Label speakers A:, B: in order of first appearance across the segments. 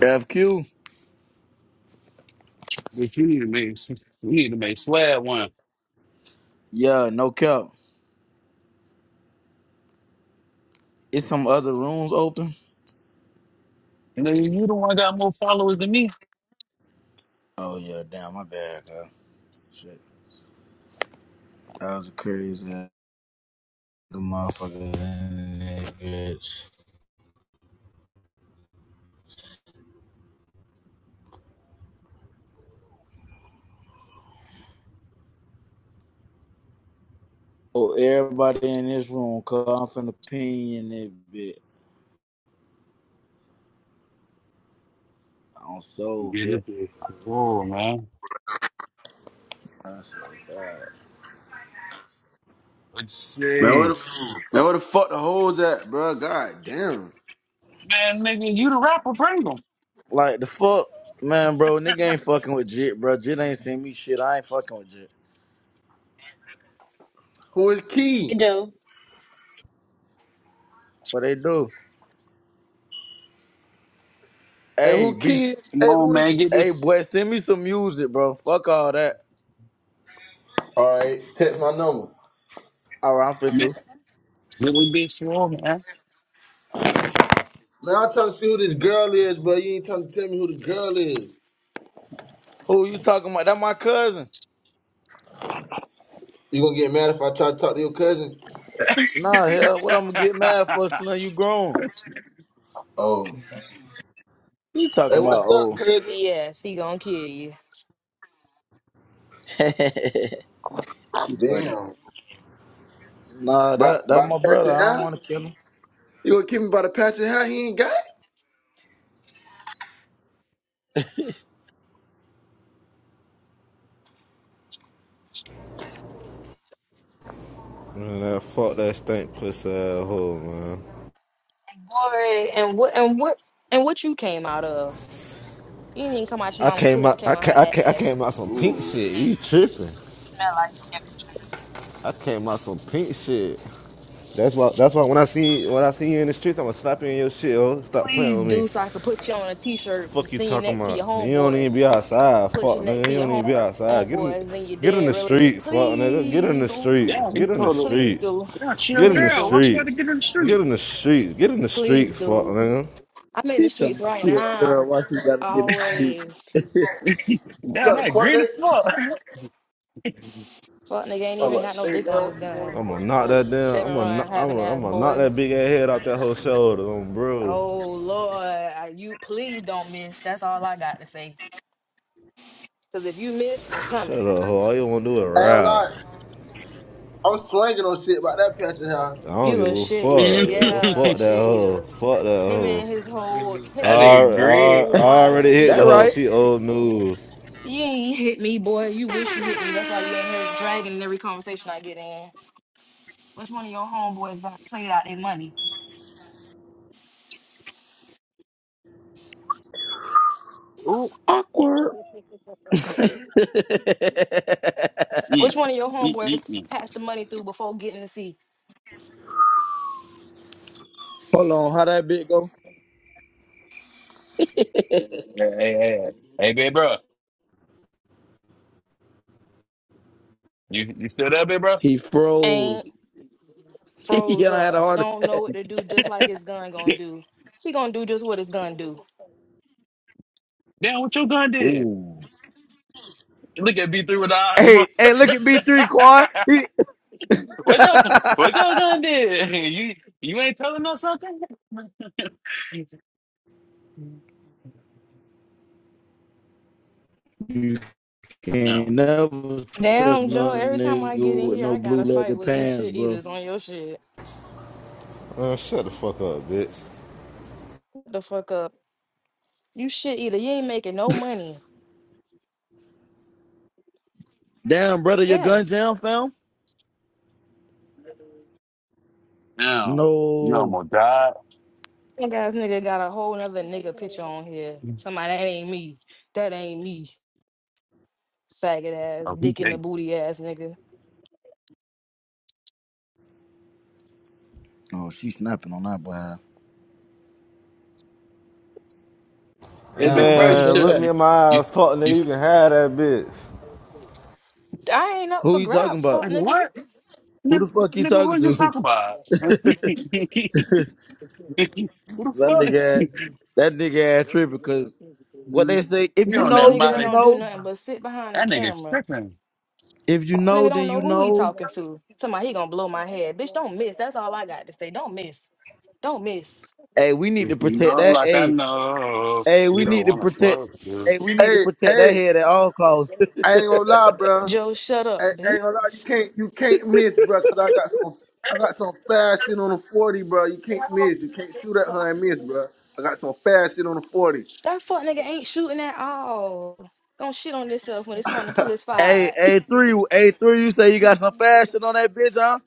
A: FQ.
B: Bitch, you need to make you need to make Slab one.
A: Yeah, no cap. Is some other rooms open?
B: Nigga, you the one got more followers than me.
A: Oh yeah, damn, my bad, girl. Shit. That was a crazy ass motherfucker in that bitch. Oh, everybody in this room, cause I'm finna ping in that bit. On soul
B: Get
A: bitch.
B: it through. Oh man.
A: I swear to God.
B: Let's
C: Man, where
B: see.
C: the now where the fuck the hoes at, bro? God damn.
B: Man, nigga, you the rapper, bring them.
A: Like the fuck, man, bro, nigga ain't fucking with Jit, bro. Jit ain't send me shit. I ain't fucking with Jit.
C: Who is
D: It
C: Key?
D: do.
A: What they do?
C: Hey,
A: Hey,
C: who
A: B.
C: Key?
B: Come
C: Hey,
B: on,
C: who is?
B: man, get
A: hey
B: this
A: boy, send me some music, bro. Fuck all that.
C: All right, text my number.
A: Alright, I'm fit
B: man,
A: to.
B: little bit slow, man.
C: Man, I'm trying to see who this girl is, but you ain't trying to tell me who this girl is.
A: Who you talking about? That my cousin.
C: You gonna get mad if I try to talk to your cousin?
A: Nah, hell, what I'm gonna get mad for? Now you grown.
C: Oh. Hey,
A: You talking
C: what's
A: about
C: up,
A: old?
C: cousin?
D: Yes, he gonna kill you.
A: she funny.
C: Damn.
A: Nah,
C: By
A: that that
C: by the
A: my brother.
C: patch of
A: I don't
C: hair?
A: want to kill him.
C: You gonna keep me by the patch of hair? He ain't got it.
E: Man, that fuck that stink pussy asshole, man.
D: Boy, and what and what and what you came out of? You didn't even come out your
E: I
D: mama
E: came
D: pussy,
E: out,
D: came
E: I,
D: out her
E: came, I, came, I
D: ass.
E: came out some
C: Ooh.
E: pink
C: You
E: shit. You tripping?
D: Smell like you came out her ass.
E: I came out some pink shit. That's why. That's why when I see when I see you in the streets, I'ma slap you in your shit. Oh, stop playing
D: Please
E: with me.
D: do so I could put you on a t-shirt and
E: Fuck you
D: sing you
E: talking
D: next to
E: about?
D: your
E: You don't even
D: homeboys.
E: be outside.
D: Put
E: Fuck
D: you next
E: nigga.
D: to
E: You
D: your
E: don't
D: home
E: even be outside. Get in,
D: homeboys and your
E: get in
D: dad
E: the
D: really is.
E: streets. Fuck nigga. Get in
D: Please
E: the
D: do.
E: streets.
B: yeah, he
E: Get in the
B: told her,
D: Please
E: streets.
D: do.
B: yeah, she a
E: Get in the
D: Please
B: girl.
D: do.
B: Why she got
E: streets.
B: to get in the
E: Get
B: street?
E: in the streets. Get in the
D: Please
E: streets. Fuck
D: do.
E: nigga.
D: I'm in the
A: He talking
D: streets
A: me
D: right
A: she a girl.
D: now.
A: Why she gotta get in the street?
D: Always.
B: yeah,
C: got a
B: that
C: court
B: green
C: date?
B: as fuck.
D: Fuck nigga ain't
C: Oh,
D: even
C: what?
D: got no
C: Stay down.
D: dick on
C: What
D: his
C: You going
D: gun.
C: to
E: I'm
C: court?
E: gonna
C: for?
E: knock
C: I ain't
E: that down.
D: Seven
E: I'm gonna,
B: that
D: run,
E: I'm
D: having
E: gonna, I'm
D: ass
E: gonna knock
D: boy.
E: that big ass head off that whole shoulder, um, bro.
D: Oh Lord, I- you please don't miss. That's all I got to say. Cause if you miss, I'm
E: Shut
D: coming.
E: up, hoe. All you wanna do is
C: gonna
E: rap.
C: lie. I'm swinging on shit about that patch of hair.
E: I don't
D: You
E: give
D: a
E: a
D: shit eater,
E: fuck.
D: yeah, a
E: Fuck that
D: shit
E: hoe.
D: eater.
E: Fuck that
D: Him
E: hoe.
D: and his whole,
E: I,
D: him and his
B: nigga
E: I,
B: agreed.
D: whole
E: I already
D: line,
E: hit
A: that
E: the
D: shit
E: hoe.
A: right?
E: She
D: eaters.
E: old news.
D: You ain't hit me, boy. You wish you hit me. That's why you ain't here dragging in every conversation I get in. Which one of your homeboys got played out their money?
B: Ooh.
A: Awkward.
D: Which
B: Mm.
D: one of your
B: Mm,
D: homeboys
B: mm, mm.
D: passed the money through before getting the seat?
A: Hold on, how that bit go?
B: Hey, hey, hey, hey, big bro. You, you still there, big bro?
A: He froze. he
D: froze
A: done had a
D: up,
A: heart
D: don't
A: attack.
D: know what to do, just like his gun gonna do. He gonna do just what his gun do.
B: Damn, what your gun did?
A: Ooh.
B: Look at B3 with the eyes. he mo-
A: Hey, hey, look at B3 Quad.
B: what, your, what your gun did? You you ain't telling us something?
A: He, Can't
B: no.
A: never trust
D: Damn, Joe,
A: no
D: every time I get
A: nigga
D: in
A: with
D: here,
A: no
D: I
A: blue
D: gotta fight
A: leather
D: with these
A: pants,
D: shit
A: bro.
D: eaters on your shit.
E: Man, shut the fuck up, bitch.
D: Shut The fuck up. You shit eater, you ain't making no money.
A: Damn, brother, your gun
D: Yes.
A: down, fam?
B: Damn, you
A: No.
B: almost died.
D: Pink ass nigga got a whole nother nigga picture on here. Somebody that ain't me. That ain't me. Faggot ass,
B: Oh, he
D: dick in the
B: gay.
D: booty ass nigga.
A: Oh, she snapping on that boy.
B: Hey,
A: Down,
B: dude, bro,
A: fam,
B: you
E: Man,
A: straight
B: still
E: look
A: back.
E: me
B: you
E: in my
B: you,
E: eyes, fuck
B: you
E: nigga. You
B: s-
E: can have that bitch.
D: I ain't up
A: Who
D: for
A: you talking
D: grabs,
A: about?
D: fuck
B: nigga,
D: nigga.
B: what?
A: Who
B: Nigga,
A: the fuck you
B: nigga,
A: talking
B: what you
A: to?
B: talking about? what the
A: That
B: fuck?
A: nigga, ass- that nigga ass tripping because what they say, if
B: you
A: you
D: This
B: on
D: a
B: that
A: know,
D: nigga
A: then
D: that
A: you
B: Molly?
D: don't do
A: know.
D: nothing but sit behind the
B: That nigga's
D: camera
B: tripping.
A: If you know,
D: Nigga don't
A: then you
D: know who he
A: know.
D: talking to. Somebody he gonna blow my head. Bitch, don't miss. That's all I got to say. Don't miss. Don't miss.
A: Hey, we need
B: If
A: to
B: you
A: protect
B: know,
A: that.
B: like I
A: Hey,
B: know,
A: hey,
B: you
A: we
B: don't
A: need to
B: want to
A: protect.
B: fuck, dude.
A: Hey, we need to
C: Hey,
A: protect that
C: hey.
A: head at all costs.
C: I ain't gonna lie, bro.
D: Joe, shut
C: I, I
D: up, bitch.
C: ain't gonna lie. You can't you can't miss, bro. Cause I got some I got some fast shit on the forty, bro. You can't miss. You can't shoot at her and miss, bro. I got some fast shit on the forty.
D: That fuck nigga ain't shooting at all. Gonna shit on himself when it's time to pull his
A: Hey,
D: fight.
A: hey, three, hey, three. You say you got some fashion on that bitch, huh?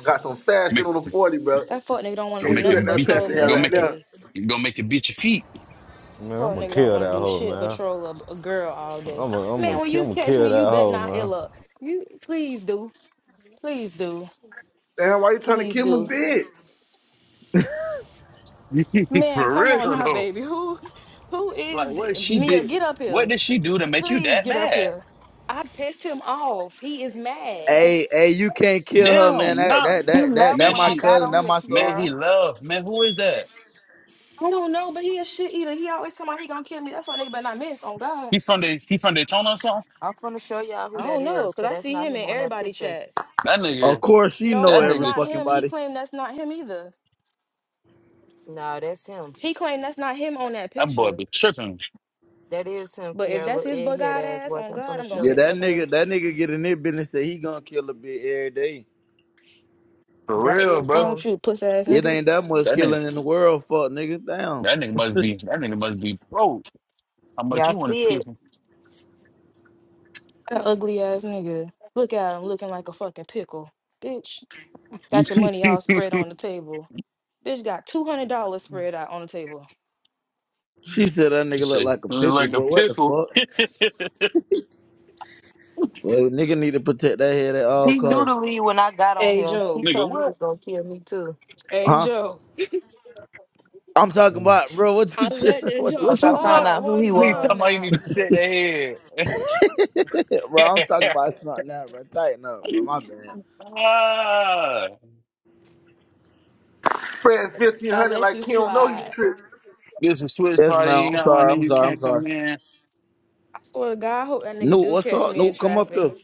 C: I got some fast shit
B: Make
C: on the
B: it,
C: forty, bro.
D: That fuck nigga don't wanna
B: gonna
D: do
C: Can't
B: make
C: shoot at
D: nothing
B: it
D: but
C: that
B: beat your,
D: troll
C: pastor
D: me
C: hair
B: gonna
D: all
C: right
B: make it,
C: now.
D: day.
B: gonna make it beat your feet.
D: That
E: Man, I'm
D: Fuck
E: gonna
D: nigga don't
E: kill
D: wanna
E: that
D: do
E: hoe,
D: shit but
E: man.
D: troll a, a girl all
E: I'm
D: day.
E: gonna, I'm
D: Man,
E: gonna,
D: when
E: I'm
D: you
E: gonna
D: catch me,
E: kill that
D: you bet
E: hoe,
D: not
E: man.
D: ill up. You please do. Please do.
C: Damn, why you trying to
D: Please
C: kill my
D: do.
C: bitch?
D: Man,
B: For
D: come on
B: real
D: now,
B: though.
D: baby. Who who is
B: Like what
D: thi-
B: she
D: Mia?
B: did.
D: Get up here.
B: What did she do to make you
D: Please
B: that
D: get up
B: mad?
D: here. I pissed him off. He is mad.
A: Hey, hey, you can't kill her, man.
B: Damn,
A: That,
B: not
A: that,
F: He
A: that, that,
F: left
B: man,
A: that
F: when
A: my
F: I got
B: she
A: cousin.
F: on
A: That
F: here,
A: my
B: man,
A: soldier.
F: Kiara.
B: he loved. Man, who is that?
D: I don't know, but he a shit eater. He always tell me he gonna kill me. That's why nigga better not miss on God.
B: He from the he from Daytona or something?
F: I'm finna show y'all who
D: I
F: that
D: don't know,
F: is,
D: cause
F: cause
D: I
F: that's
D: see
F: not
D: him
F: him
D: in
F: on that
D: everybody
F: picture.
D: chats.
B: That
A: Of
B: nigga,
A: course, she
D: No,
A: know
B: that
D: that's
A: every
B: nigga,
D: not
A: fucking
D: him. He
A: body.
D: claimed that's not him either.
F: No, that's him.
D: He claimed that's not him on that
B: that boy
D: picture.
B: be tripping.
F: That is him,
D: But if
F: Kiara,
D: that's
F: little
D: his bug
F: egghead
D: eyed
F: ass.
D: ass
F: what?
D: on
F: I'm
D: God,
F: finna
D: I'm gonna
F: show
A: Yeah,
D: catch
F: you.
A: that
D: that boy.
A: nigga, that nigga get in their business that he gonna kill a bitch every day.
B: For
F: That
B: real,
F: is
B: bro.
D: Wrong
F: him.
D: with you, puss ass
A: It
D: nigga.
A: ain't that much
B: That nigga
A: killing in the world, fuck nigga. Damn.
B: that nigga must be that nigga must be broke. How much
F: Y'all
B: you wanna
F: see
B: kiss
F: it?
B: him?
D: That ugly ass nigga. Look at him looking like a fucking pickle. Bitch, got your money all spread on the table. Bitch got two hundred dollars spread out on the table.
A: She said that
B: she
A: nigga look
B: said,
A: like a pickle,
B: like a
A: but what the
B: pickle.
A: fuck? Well, nigga need to protect that head at all
F: He knew
A: costs,
F: to leave when I got on
D: Hey
F: here. He
D: Joe,
B: nigga,
F: told me he
B: what?
F: was gonna kill me too,
D: hey
A: huh?
D: Joe,
A: I'm talking about, bro. What
D: I
A: you,
D: let that
A: what you
D: joke
F: cause
B: What
F: I
B: you
A: talking about?
F: found
B: suck?
D: slide
F: out who
D: one
F: he
B: Nigga
D: time
B: talking
F: was.
B: about you need
D: now.
B: to protect that
A: bro,
B: head.
A: I'm talking about something now, bro. Tighten up, bro. My bad.
B: Ah,
C: Spread fifteen
D: I
C: hundred
D: let you
C: like he don't know you
D: slide.
C: tripping.
B: this a Swiss
A: Yes,
B: party.
A: man.
B: You
A: I'm
B: got one,
A: sorry. I'm
B: and you
A: sorry. I'm
B: can't come
A: sorry.
B: in.
D: I swear to God, I hope that nigga
A: Nuke,
D: do
A: what's
D: catch
A: up?
D: me in
A: Nuke, come up
D: traffic.
A: here.
B: Mm,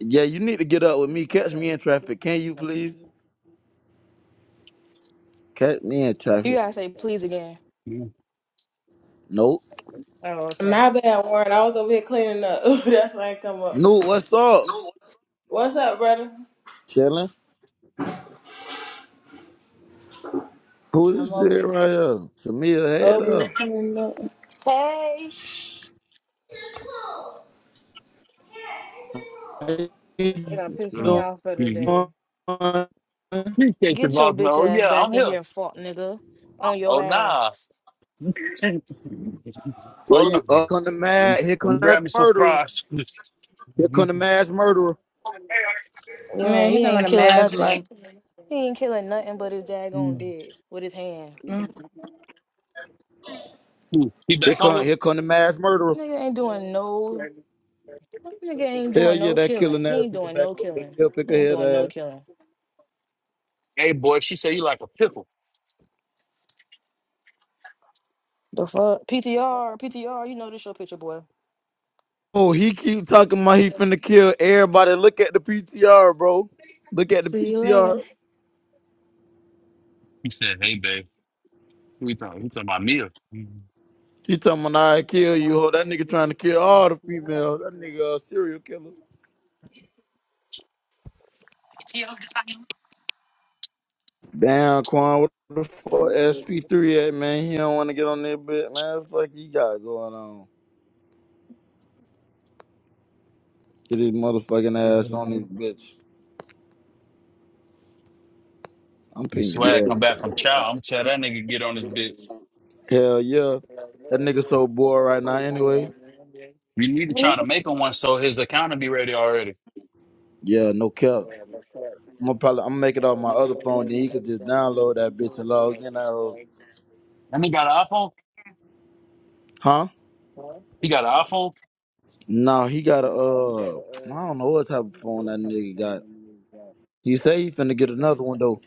A: Yeah, you need to get up with me. Catch me in traffic. Can you please? Catch me in
D: You
A: traffic.
D: gotta say please again.
A: Nope.
D: Oh, okay.
G: My bad, Warren. I was over here cleaning up. That's why I come up.
A: Nuke, what's up?
G: What's up, brother?
A: Chilling. Who
G: I'm
A: this
G: over
A: shit
G: here.
A: right here? Samia,
G: Over
A: head
G: here
A: up.
G: cleaning up.
D: Hey,
A: How
D: it
A: you
D: done piss me
B: mm,
A: doing?
D: off for the
B: mm.
D: day.
B: Appreciate you,
D: Get your
B: boss man.
D: bitch
B: Oh
D: ass
B: yeah, I'm
D: back in
B: here.
D: here, fuck nigga, on your
B: Oh nah.
D: ass.
A: Well,
B: Hold
A: you
B: up. Let
A: up on the
B: me,
A: mad. Here
B: let
A: come
B: me
A: that
B: grab me some
A: murderer.
B: fries.
A: Here come
B: He
A: the mass murderer.
D: Yeah,
G: Man, he's
D: he
G: talking about
D: ain't
G: a
D: killing
G: mask,
D: nothing. He ain't killing nothing but his daggone dick with his hand.
G: man.
A: Here
B: back on
A: come,
B: here.
A: here come the mass murderer.
D: Nigga ain't doing no. Nigga ain't
A: Hell
D: doing
A: yeah,
D: no
A: that
D: killing.
A: killing
D: He
A: ass
D: ain't
A: nigga
D: doing
A: back
D: no
A: on the
D: killing.
A: deal pick
D: He
A: a
D: ain't
A: head
D: doing no
A: ass.
D: killing.
B: Hey boy, she said you like a pickle.
D: The fuck? PTR, PTR, you know this your picture, boy.
A: Oh, he keep talking about he finna kill everybody. Look at the PTR, bro. Look at the
D: See you later.
A: PTR.
B: He said, "Hey babe, who you talking? You talking
A: He talking about I kill you, ho. That nigga trying to kill all the females. That nigga a serial killer. Damn, Quan, what the fuck SP3 at, man? He don't want to get on that bitch. man. Fuck he got going on. Get his motherfucking ass on
B: about me?"
A: this bitch. I'm
B: And
A: pinging
B: swag come
A: ass.
B: back from chow. I'm gonna tell that nigga get on his bitch.
A: Hell yeah. That nigga so bored right now anyway.
B: We need to try to make him one so his account will be ready already.
A: Yeah, no cap. I'm gonna probably I'm gonna make it off my other phone, then he could just download that bitch and log in. That hoe.
B: And he got an iPhone.
A: huh?
B: He got an iPhone.
A: No, he got a uh, I don't know what type of phone that nigga got. He say he finna get another one though.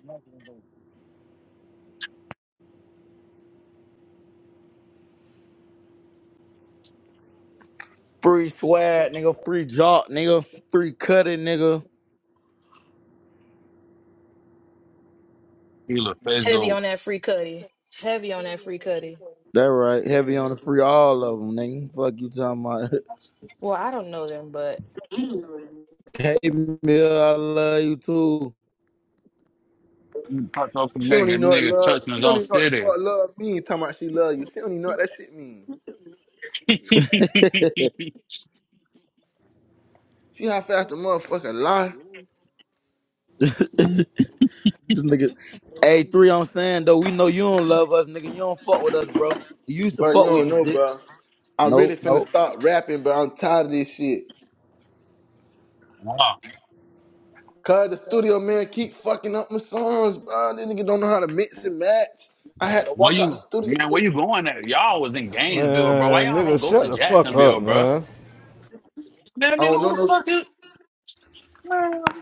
A: Free swag, nigga. Free jock, nigga. Free cutting, nigga.
B: He look face
D: Heavy
B: gold.
D: on that free cutty. Heavy on that free cutty.
A: That right. Heavy on the free, all of them, nigga. Fuck you talking about.
D: Well, I don't know them, but
A: hey, Mill, I love you too.
B: He fucked up and
C: She
B: make
C: don't
B: a
C: even know what
B: nigga
C: love.
B: church in
C: She
B: his
C: don't
B: own
C: even know what the
B: city.
C: fuck love mean. Talking about she love you. She don't even know what that shit mean. See how fast the motherfucker lie?
A: This nigga. Hey, three, I'm saying though, we know you don't love us, nigga. You don't fuck with us, bro. You used to
C: But you
A: fuck with
C: don't
A: me,
C: know,
A: dick.
C: bro. I'm really
A: Nope,
C: finna
A: nope.
C: start rapping, but I'm tired of this shit.
B: wow.
C: Cause the studio man keep fucking up my songs, bro. This nigga don't know how to mix and match. I had to
B: Where
C: walk out the
B: you
C: studio.
B: man, where you
C: nigga.
B: going at? Y'all was in Gainesville, bro. Why
E: Man,
B: y'all
E: nigga,
B: don't go
E: shut
B: to
E: the fuck up,
B: Jacksonville, bro?
E: man.
B: Man,
C: I
B: nigga,
C: don't
B: who
C: know
B: the
C: no.
B: fuck is man?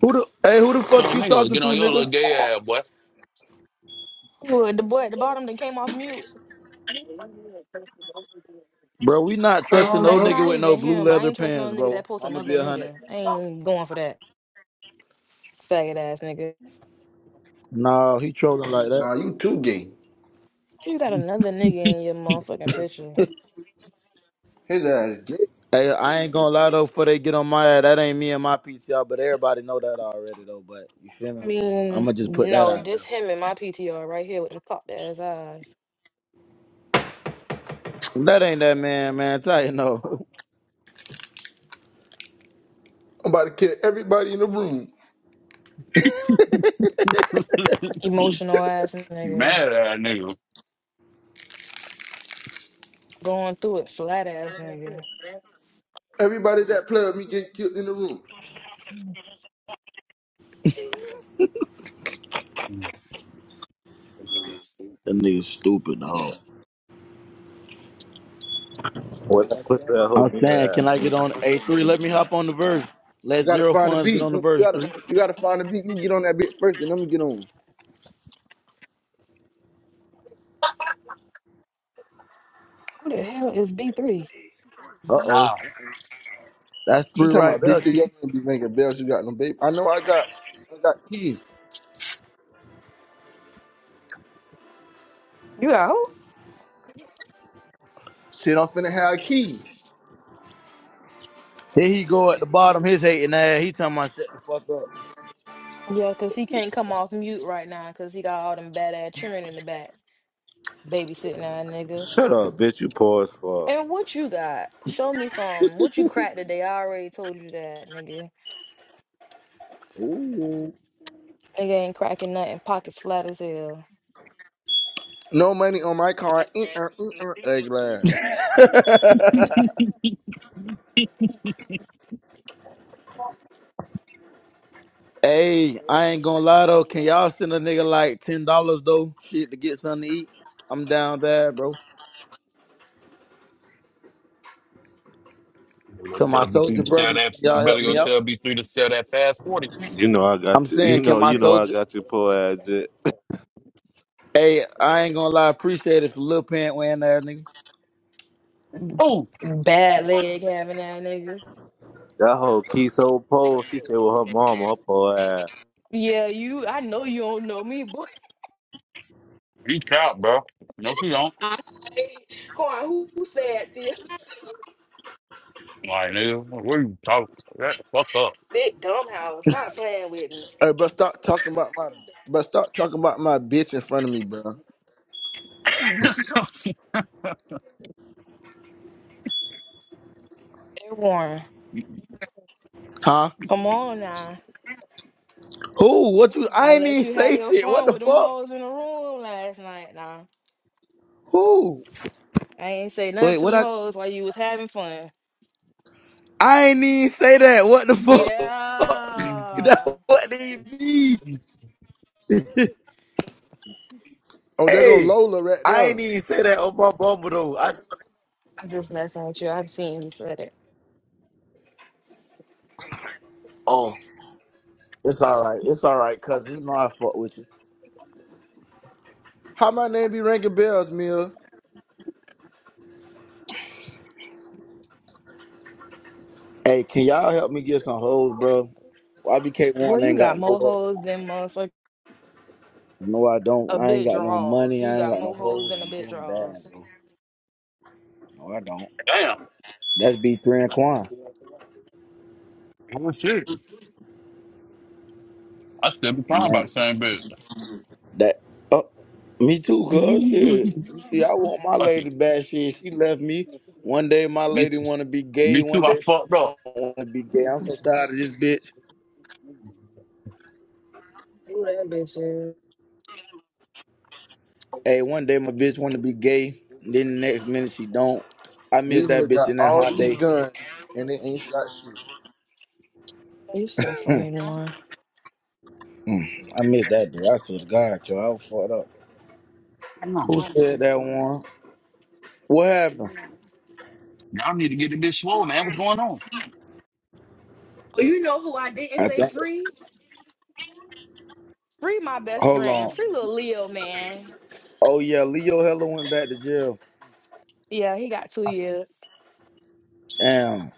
A: Who the hey? Who the fuck
B: Yo,
A: you
B: nigga,
A: talking
B: get
A: to,
B: on your little
A: nigga?
B: gay ass, boy.
D: Ooh, the boy at the bottom that came off mute.
A: Bro, we not trusting no
D: That's
A: nigga
D: not
A: with no
D: even
A: blue
D: him. I
A: leather
D: ain't trusting no
A: pants,
D: nigga
A: bro.
D: that posts
A: I'ma be
D: another
A: a hundred.
D: nigga. I ain't going for that faggot ass nigga.
A: Nah, he trolling like that.
C: Nah, you too gay.
D: You got another nigga in your motherfucking picture.
C: His ass gay.
A: Hey, I ain't gonna lie though. Before they get on my ass, that ain't me and my PTR, but everybody know that already though. But you feel
D: I
A: me?
D: mean,
A: I'ma just put that
D: no,
A: out
D: this
A: there.
D: him in my PTR right here with them cocked ass eyes.
A: That ain't that man, man. Tell you no.
C: I'm about to kill everybody in the room.
D: Emotional ass nigga.
B: Mad at that nigga.
D: Going through it, flat ass nigga.
C: Everybody that play with me get killed in the room.
A: That nigga stupid dog.
E: What that pussy that hoe
A: I'm
E: mean
A: saying, can I
E: that?
A: get on a three? Let me hop on the verse. Let
C: You gotta
A: zero
C: find a
A: funds get
C: beat.
A: on the
C: You you
A: verse
C: gotta
A: three.
C: you gotta find a beat. You get on that bit first, and I'm gonna get on.
D: Who the hell is B3?
A: Uh oh,
B: Nah.
A: that's
C: She
A: three
C: talking
A: right
C: about
A: there.
C: beat the
A: Keith.
C: young man be ringing bells. You got no baby. I know I got I got key.
D: You got who?
C: Shit, I'm finna have a key.
A: Here he go at the bottom, his hating ass. He talking about shut the fuck up.
D: Yeah, because he can't come off mute right now because he got all them bad ass children in the back babysitting our nigga.
E: Shut up, bitch. You poor as fuck.
D: And what you got? Show me some. What you cracked today? I already told you that, nigga.
A: Ooh.
D: Nigga ain't cracking nothing. Pockets flat as hell.
C: No money on my card. Uh-uh, uh-uh, egg line.
A: hey, I ain't gonna lie though. Can y'all send a nigga like ten dollars though? Shit to get something to eat. I'm down bad, bro.
B: You better go
A: To my
B: tell B3
A: soldier
B: to sell
A: brothers,
B: that.
A: can
B: You
A: y'all help
B: better go
A: me out?
B: tell B3 to sell that fast 40.
E: You know I
A: I'm
E: got you. You
A: saying, can
E: know
A: my
E: you know I
A: soldier?
E: got your poor ass. Jit.
A: Hey, I ain't gonna lie. Appreciate it for Lil Pant wearing that nigga.
B: Oh,
D: Bad leg having that nigga.
E: That whole Key so poor. She stay with her mama. Her poor ass.
D: Yeah, you. I know you don't know me, boy.
B: he out, bro. No, he don't.
D: I say, Corn, who, who said this?
B: Like, nigga, what are you talking Shut the fuck up.
D: Big dumb house. Stop playing with me.
C: Hey, bro, stop talking about my, but stop talking about my bitch in front of me, bro.
D: Hey, Warren,
A: Huh?
D: come on now.
A: Who? What you?
D: I
A: I ain't
D: let you
A: even
D: have
A: say
D: your
A: shit. What
D: fun
A: the
D: with them
A: fuck?
D: hoes in the room last night. Nah,
A: Who?
D: I ain't say nothing
A: Wait,
D: to
A: what?
D: them
A: I
D: hoes while you was having fun.
A: I ain't even say that. What the fuck?
D: Yeah.
A: That- what do you mean?
C: Oh, there go
A: Hey,
C: Lola right
A: I
C: there.
A: ain't even say that on my bumble though. I
D: I'm just messing with you. I've seen you said it.
A: oh, it's all right. It's all right, cause you know I fuck with you.
C: How my name be ringing bells, Mill?
A: Hey, can y'all help me get some hoes, bro? YBK
D: Boy,
A: one
D: you
A: ain't
D: got
A: got no
D: more
A: hoes.
D: hoes than motherfucker
A: No, I
D: a
A: don't. I ain't
D: bit
A: got no
D: draws.
A: money.
D: You
A: I ain't
D: got
A: got no
D: more hoes
A: hoes.
D: than a
A: I'm
D: bit
A: doing bad,
D: draws.
A: bro. No, I don't.
B: Damn.
A: That's B three and Quan.
B: Well, shit. I still be
A: And
B: crying about the
A: that
B: same bitch.
A: that oh, me too, cuz shit. You see, I want my
B: Fuck
A: lady
B: it.
A: back. Shit, she left me. One day my
B: Me
A: lady
B: too.
A: wanna be gay.
B: Me
A: One
B: too. I
A: day she
B: fucked up.
A: don't wanna be gay. I'm so tired of this bitch.
D: Who that bitch is?
A: Hey, one day my bitch want to be gay, then the next minute she don't. I miss
C: These
A: that
C: niggas
A: bitch
C: got
A: in that
C: all
A: hot
C: these
A: day.
C: guns and they ain't shot shit.
D: You so funny, one.
A: Mm, I miss that day. I swear to God, yo, I was fucked up.
B: Damn.
A: Who said that one? What happened?
B: Now I need to get the bitch swole, man. What's going on?
D: Oh, you know who I didn't
A: I
D: say
A: think.
D: free? Free my best
A: Hold
D: friend.
A: on.
D: Free little Leo, man.
A: Oh yeah, Leo Heller went back to jail.
D: Yeah, he got two years.
A: Damn,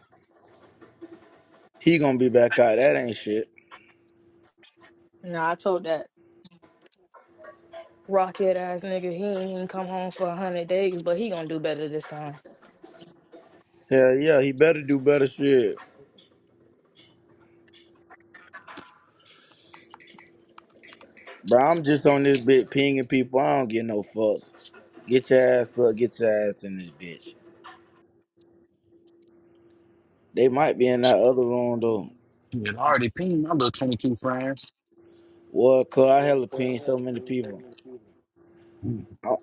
A: he gonna be back out. That ain't shit.
D: No, I told that. rocket ass nigga. He ain't even come home for a hundred days, but he gonna do better this time.
A: Hell yeah, he better do better shit. Bro, I'm just on this bitch pinging people. I don't get no fucks. Get your ass up. Get your ass in this bitch. They might be in that other room though.
B: It already pinged my little 22 friends.
A: Well, cause I hella pinged so many people. Uh,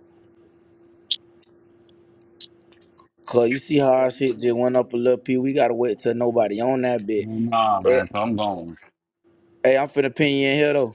A: Cause you see how our shit just went up a little P. We gotta wait till nobody on that bit.
B: Nah,
A: Hey,
B: man. So I'm gone.
A: hey, I'm finna ping you in here though.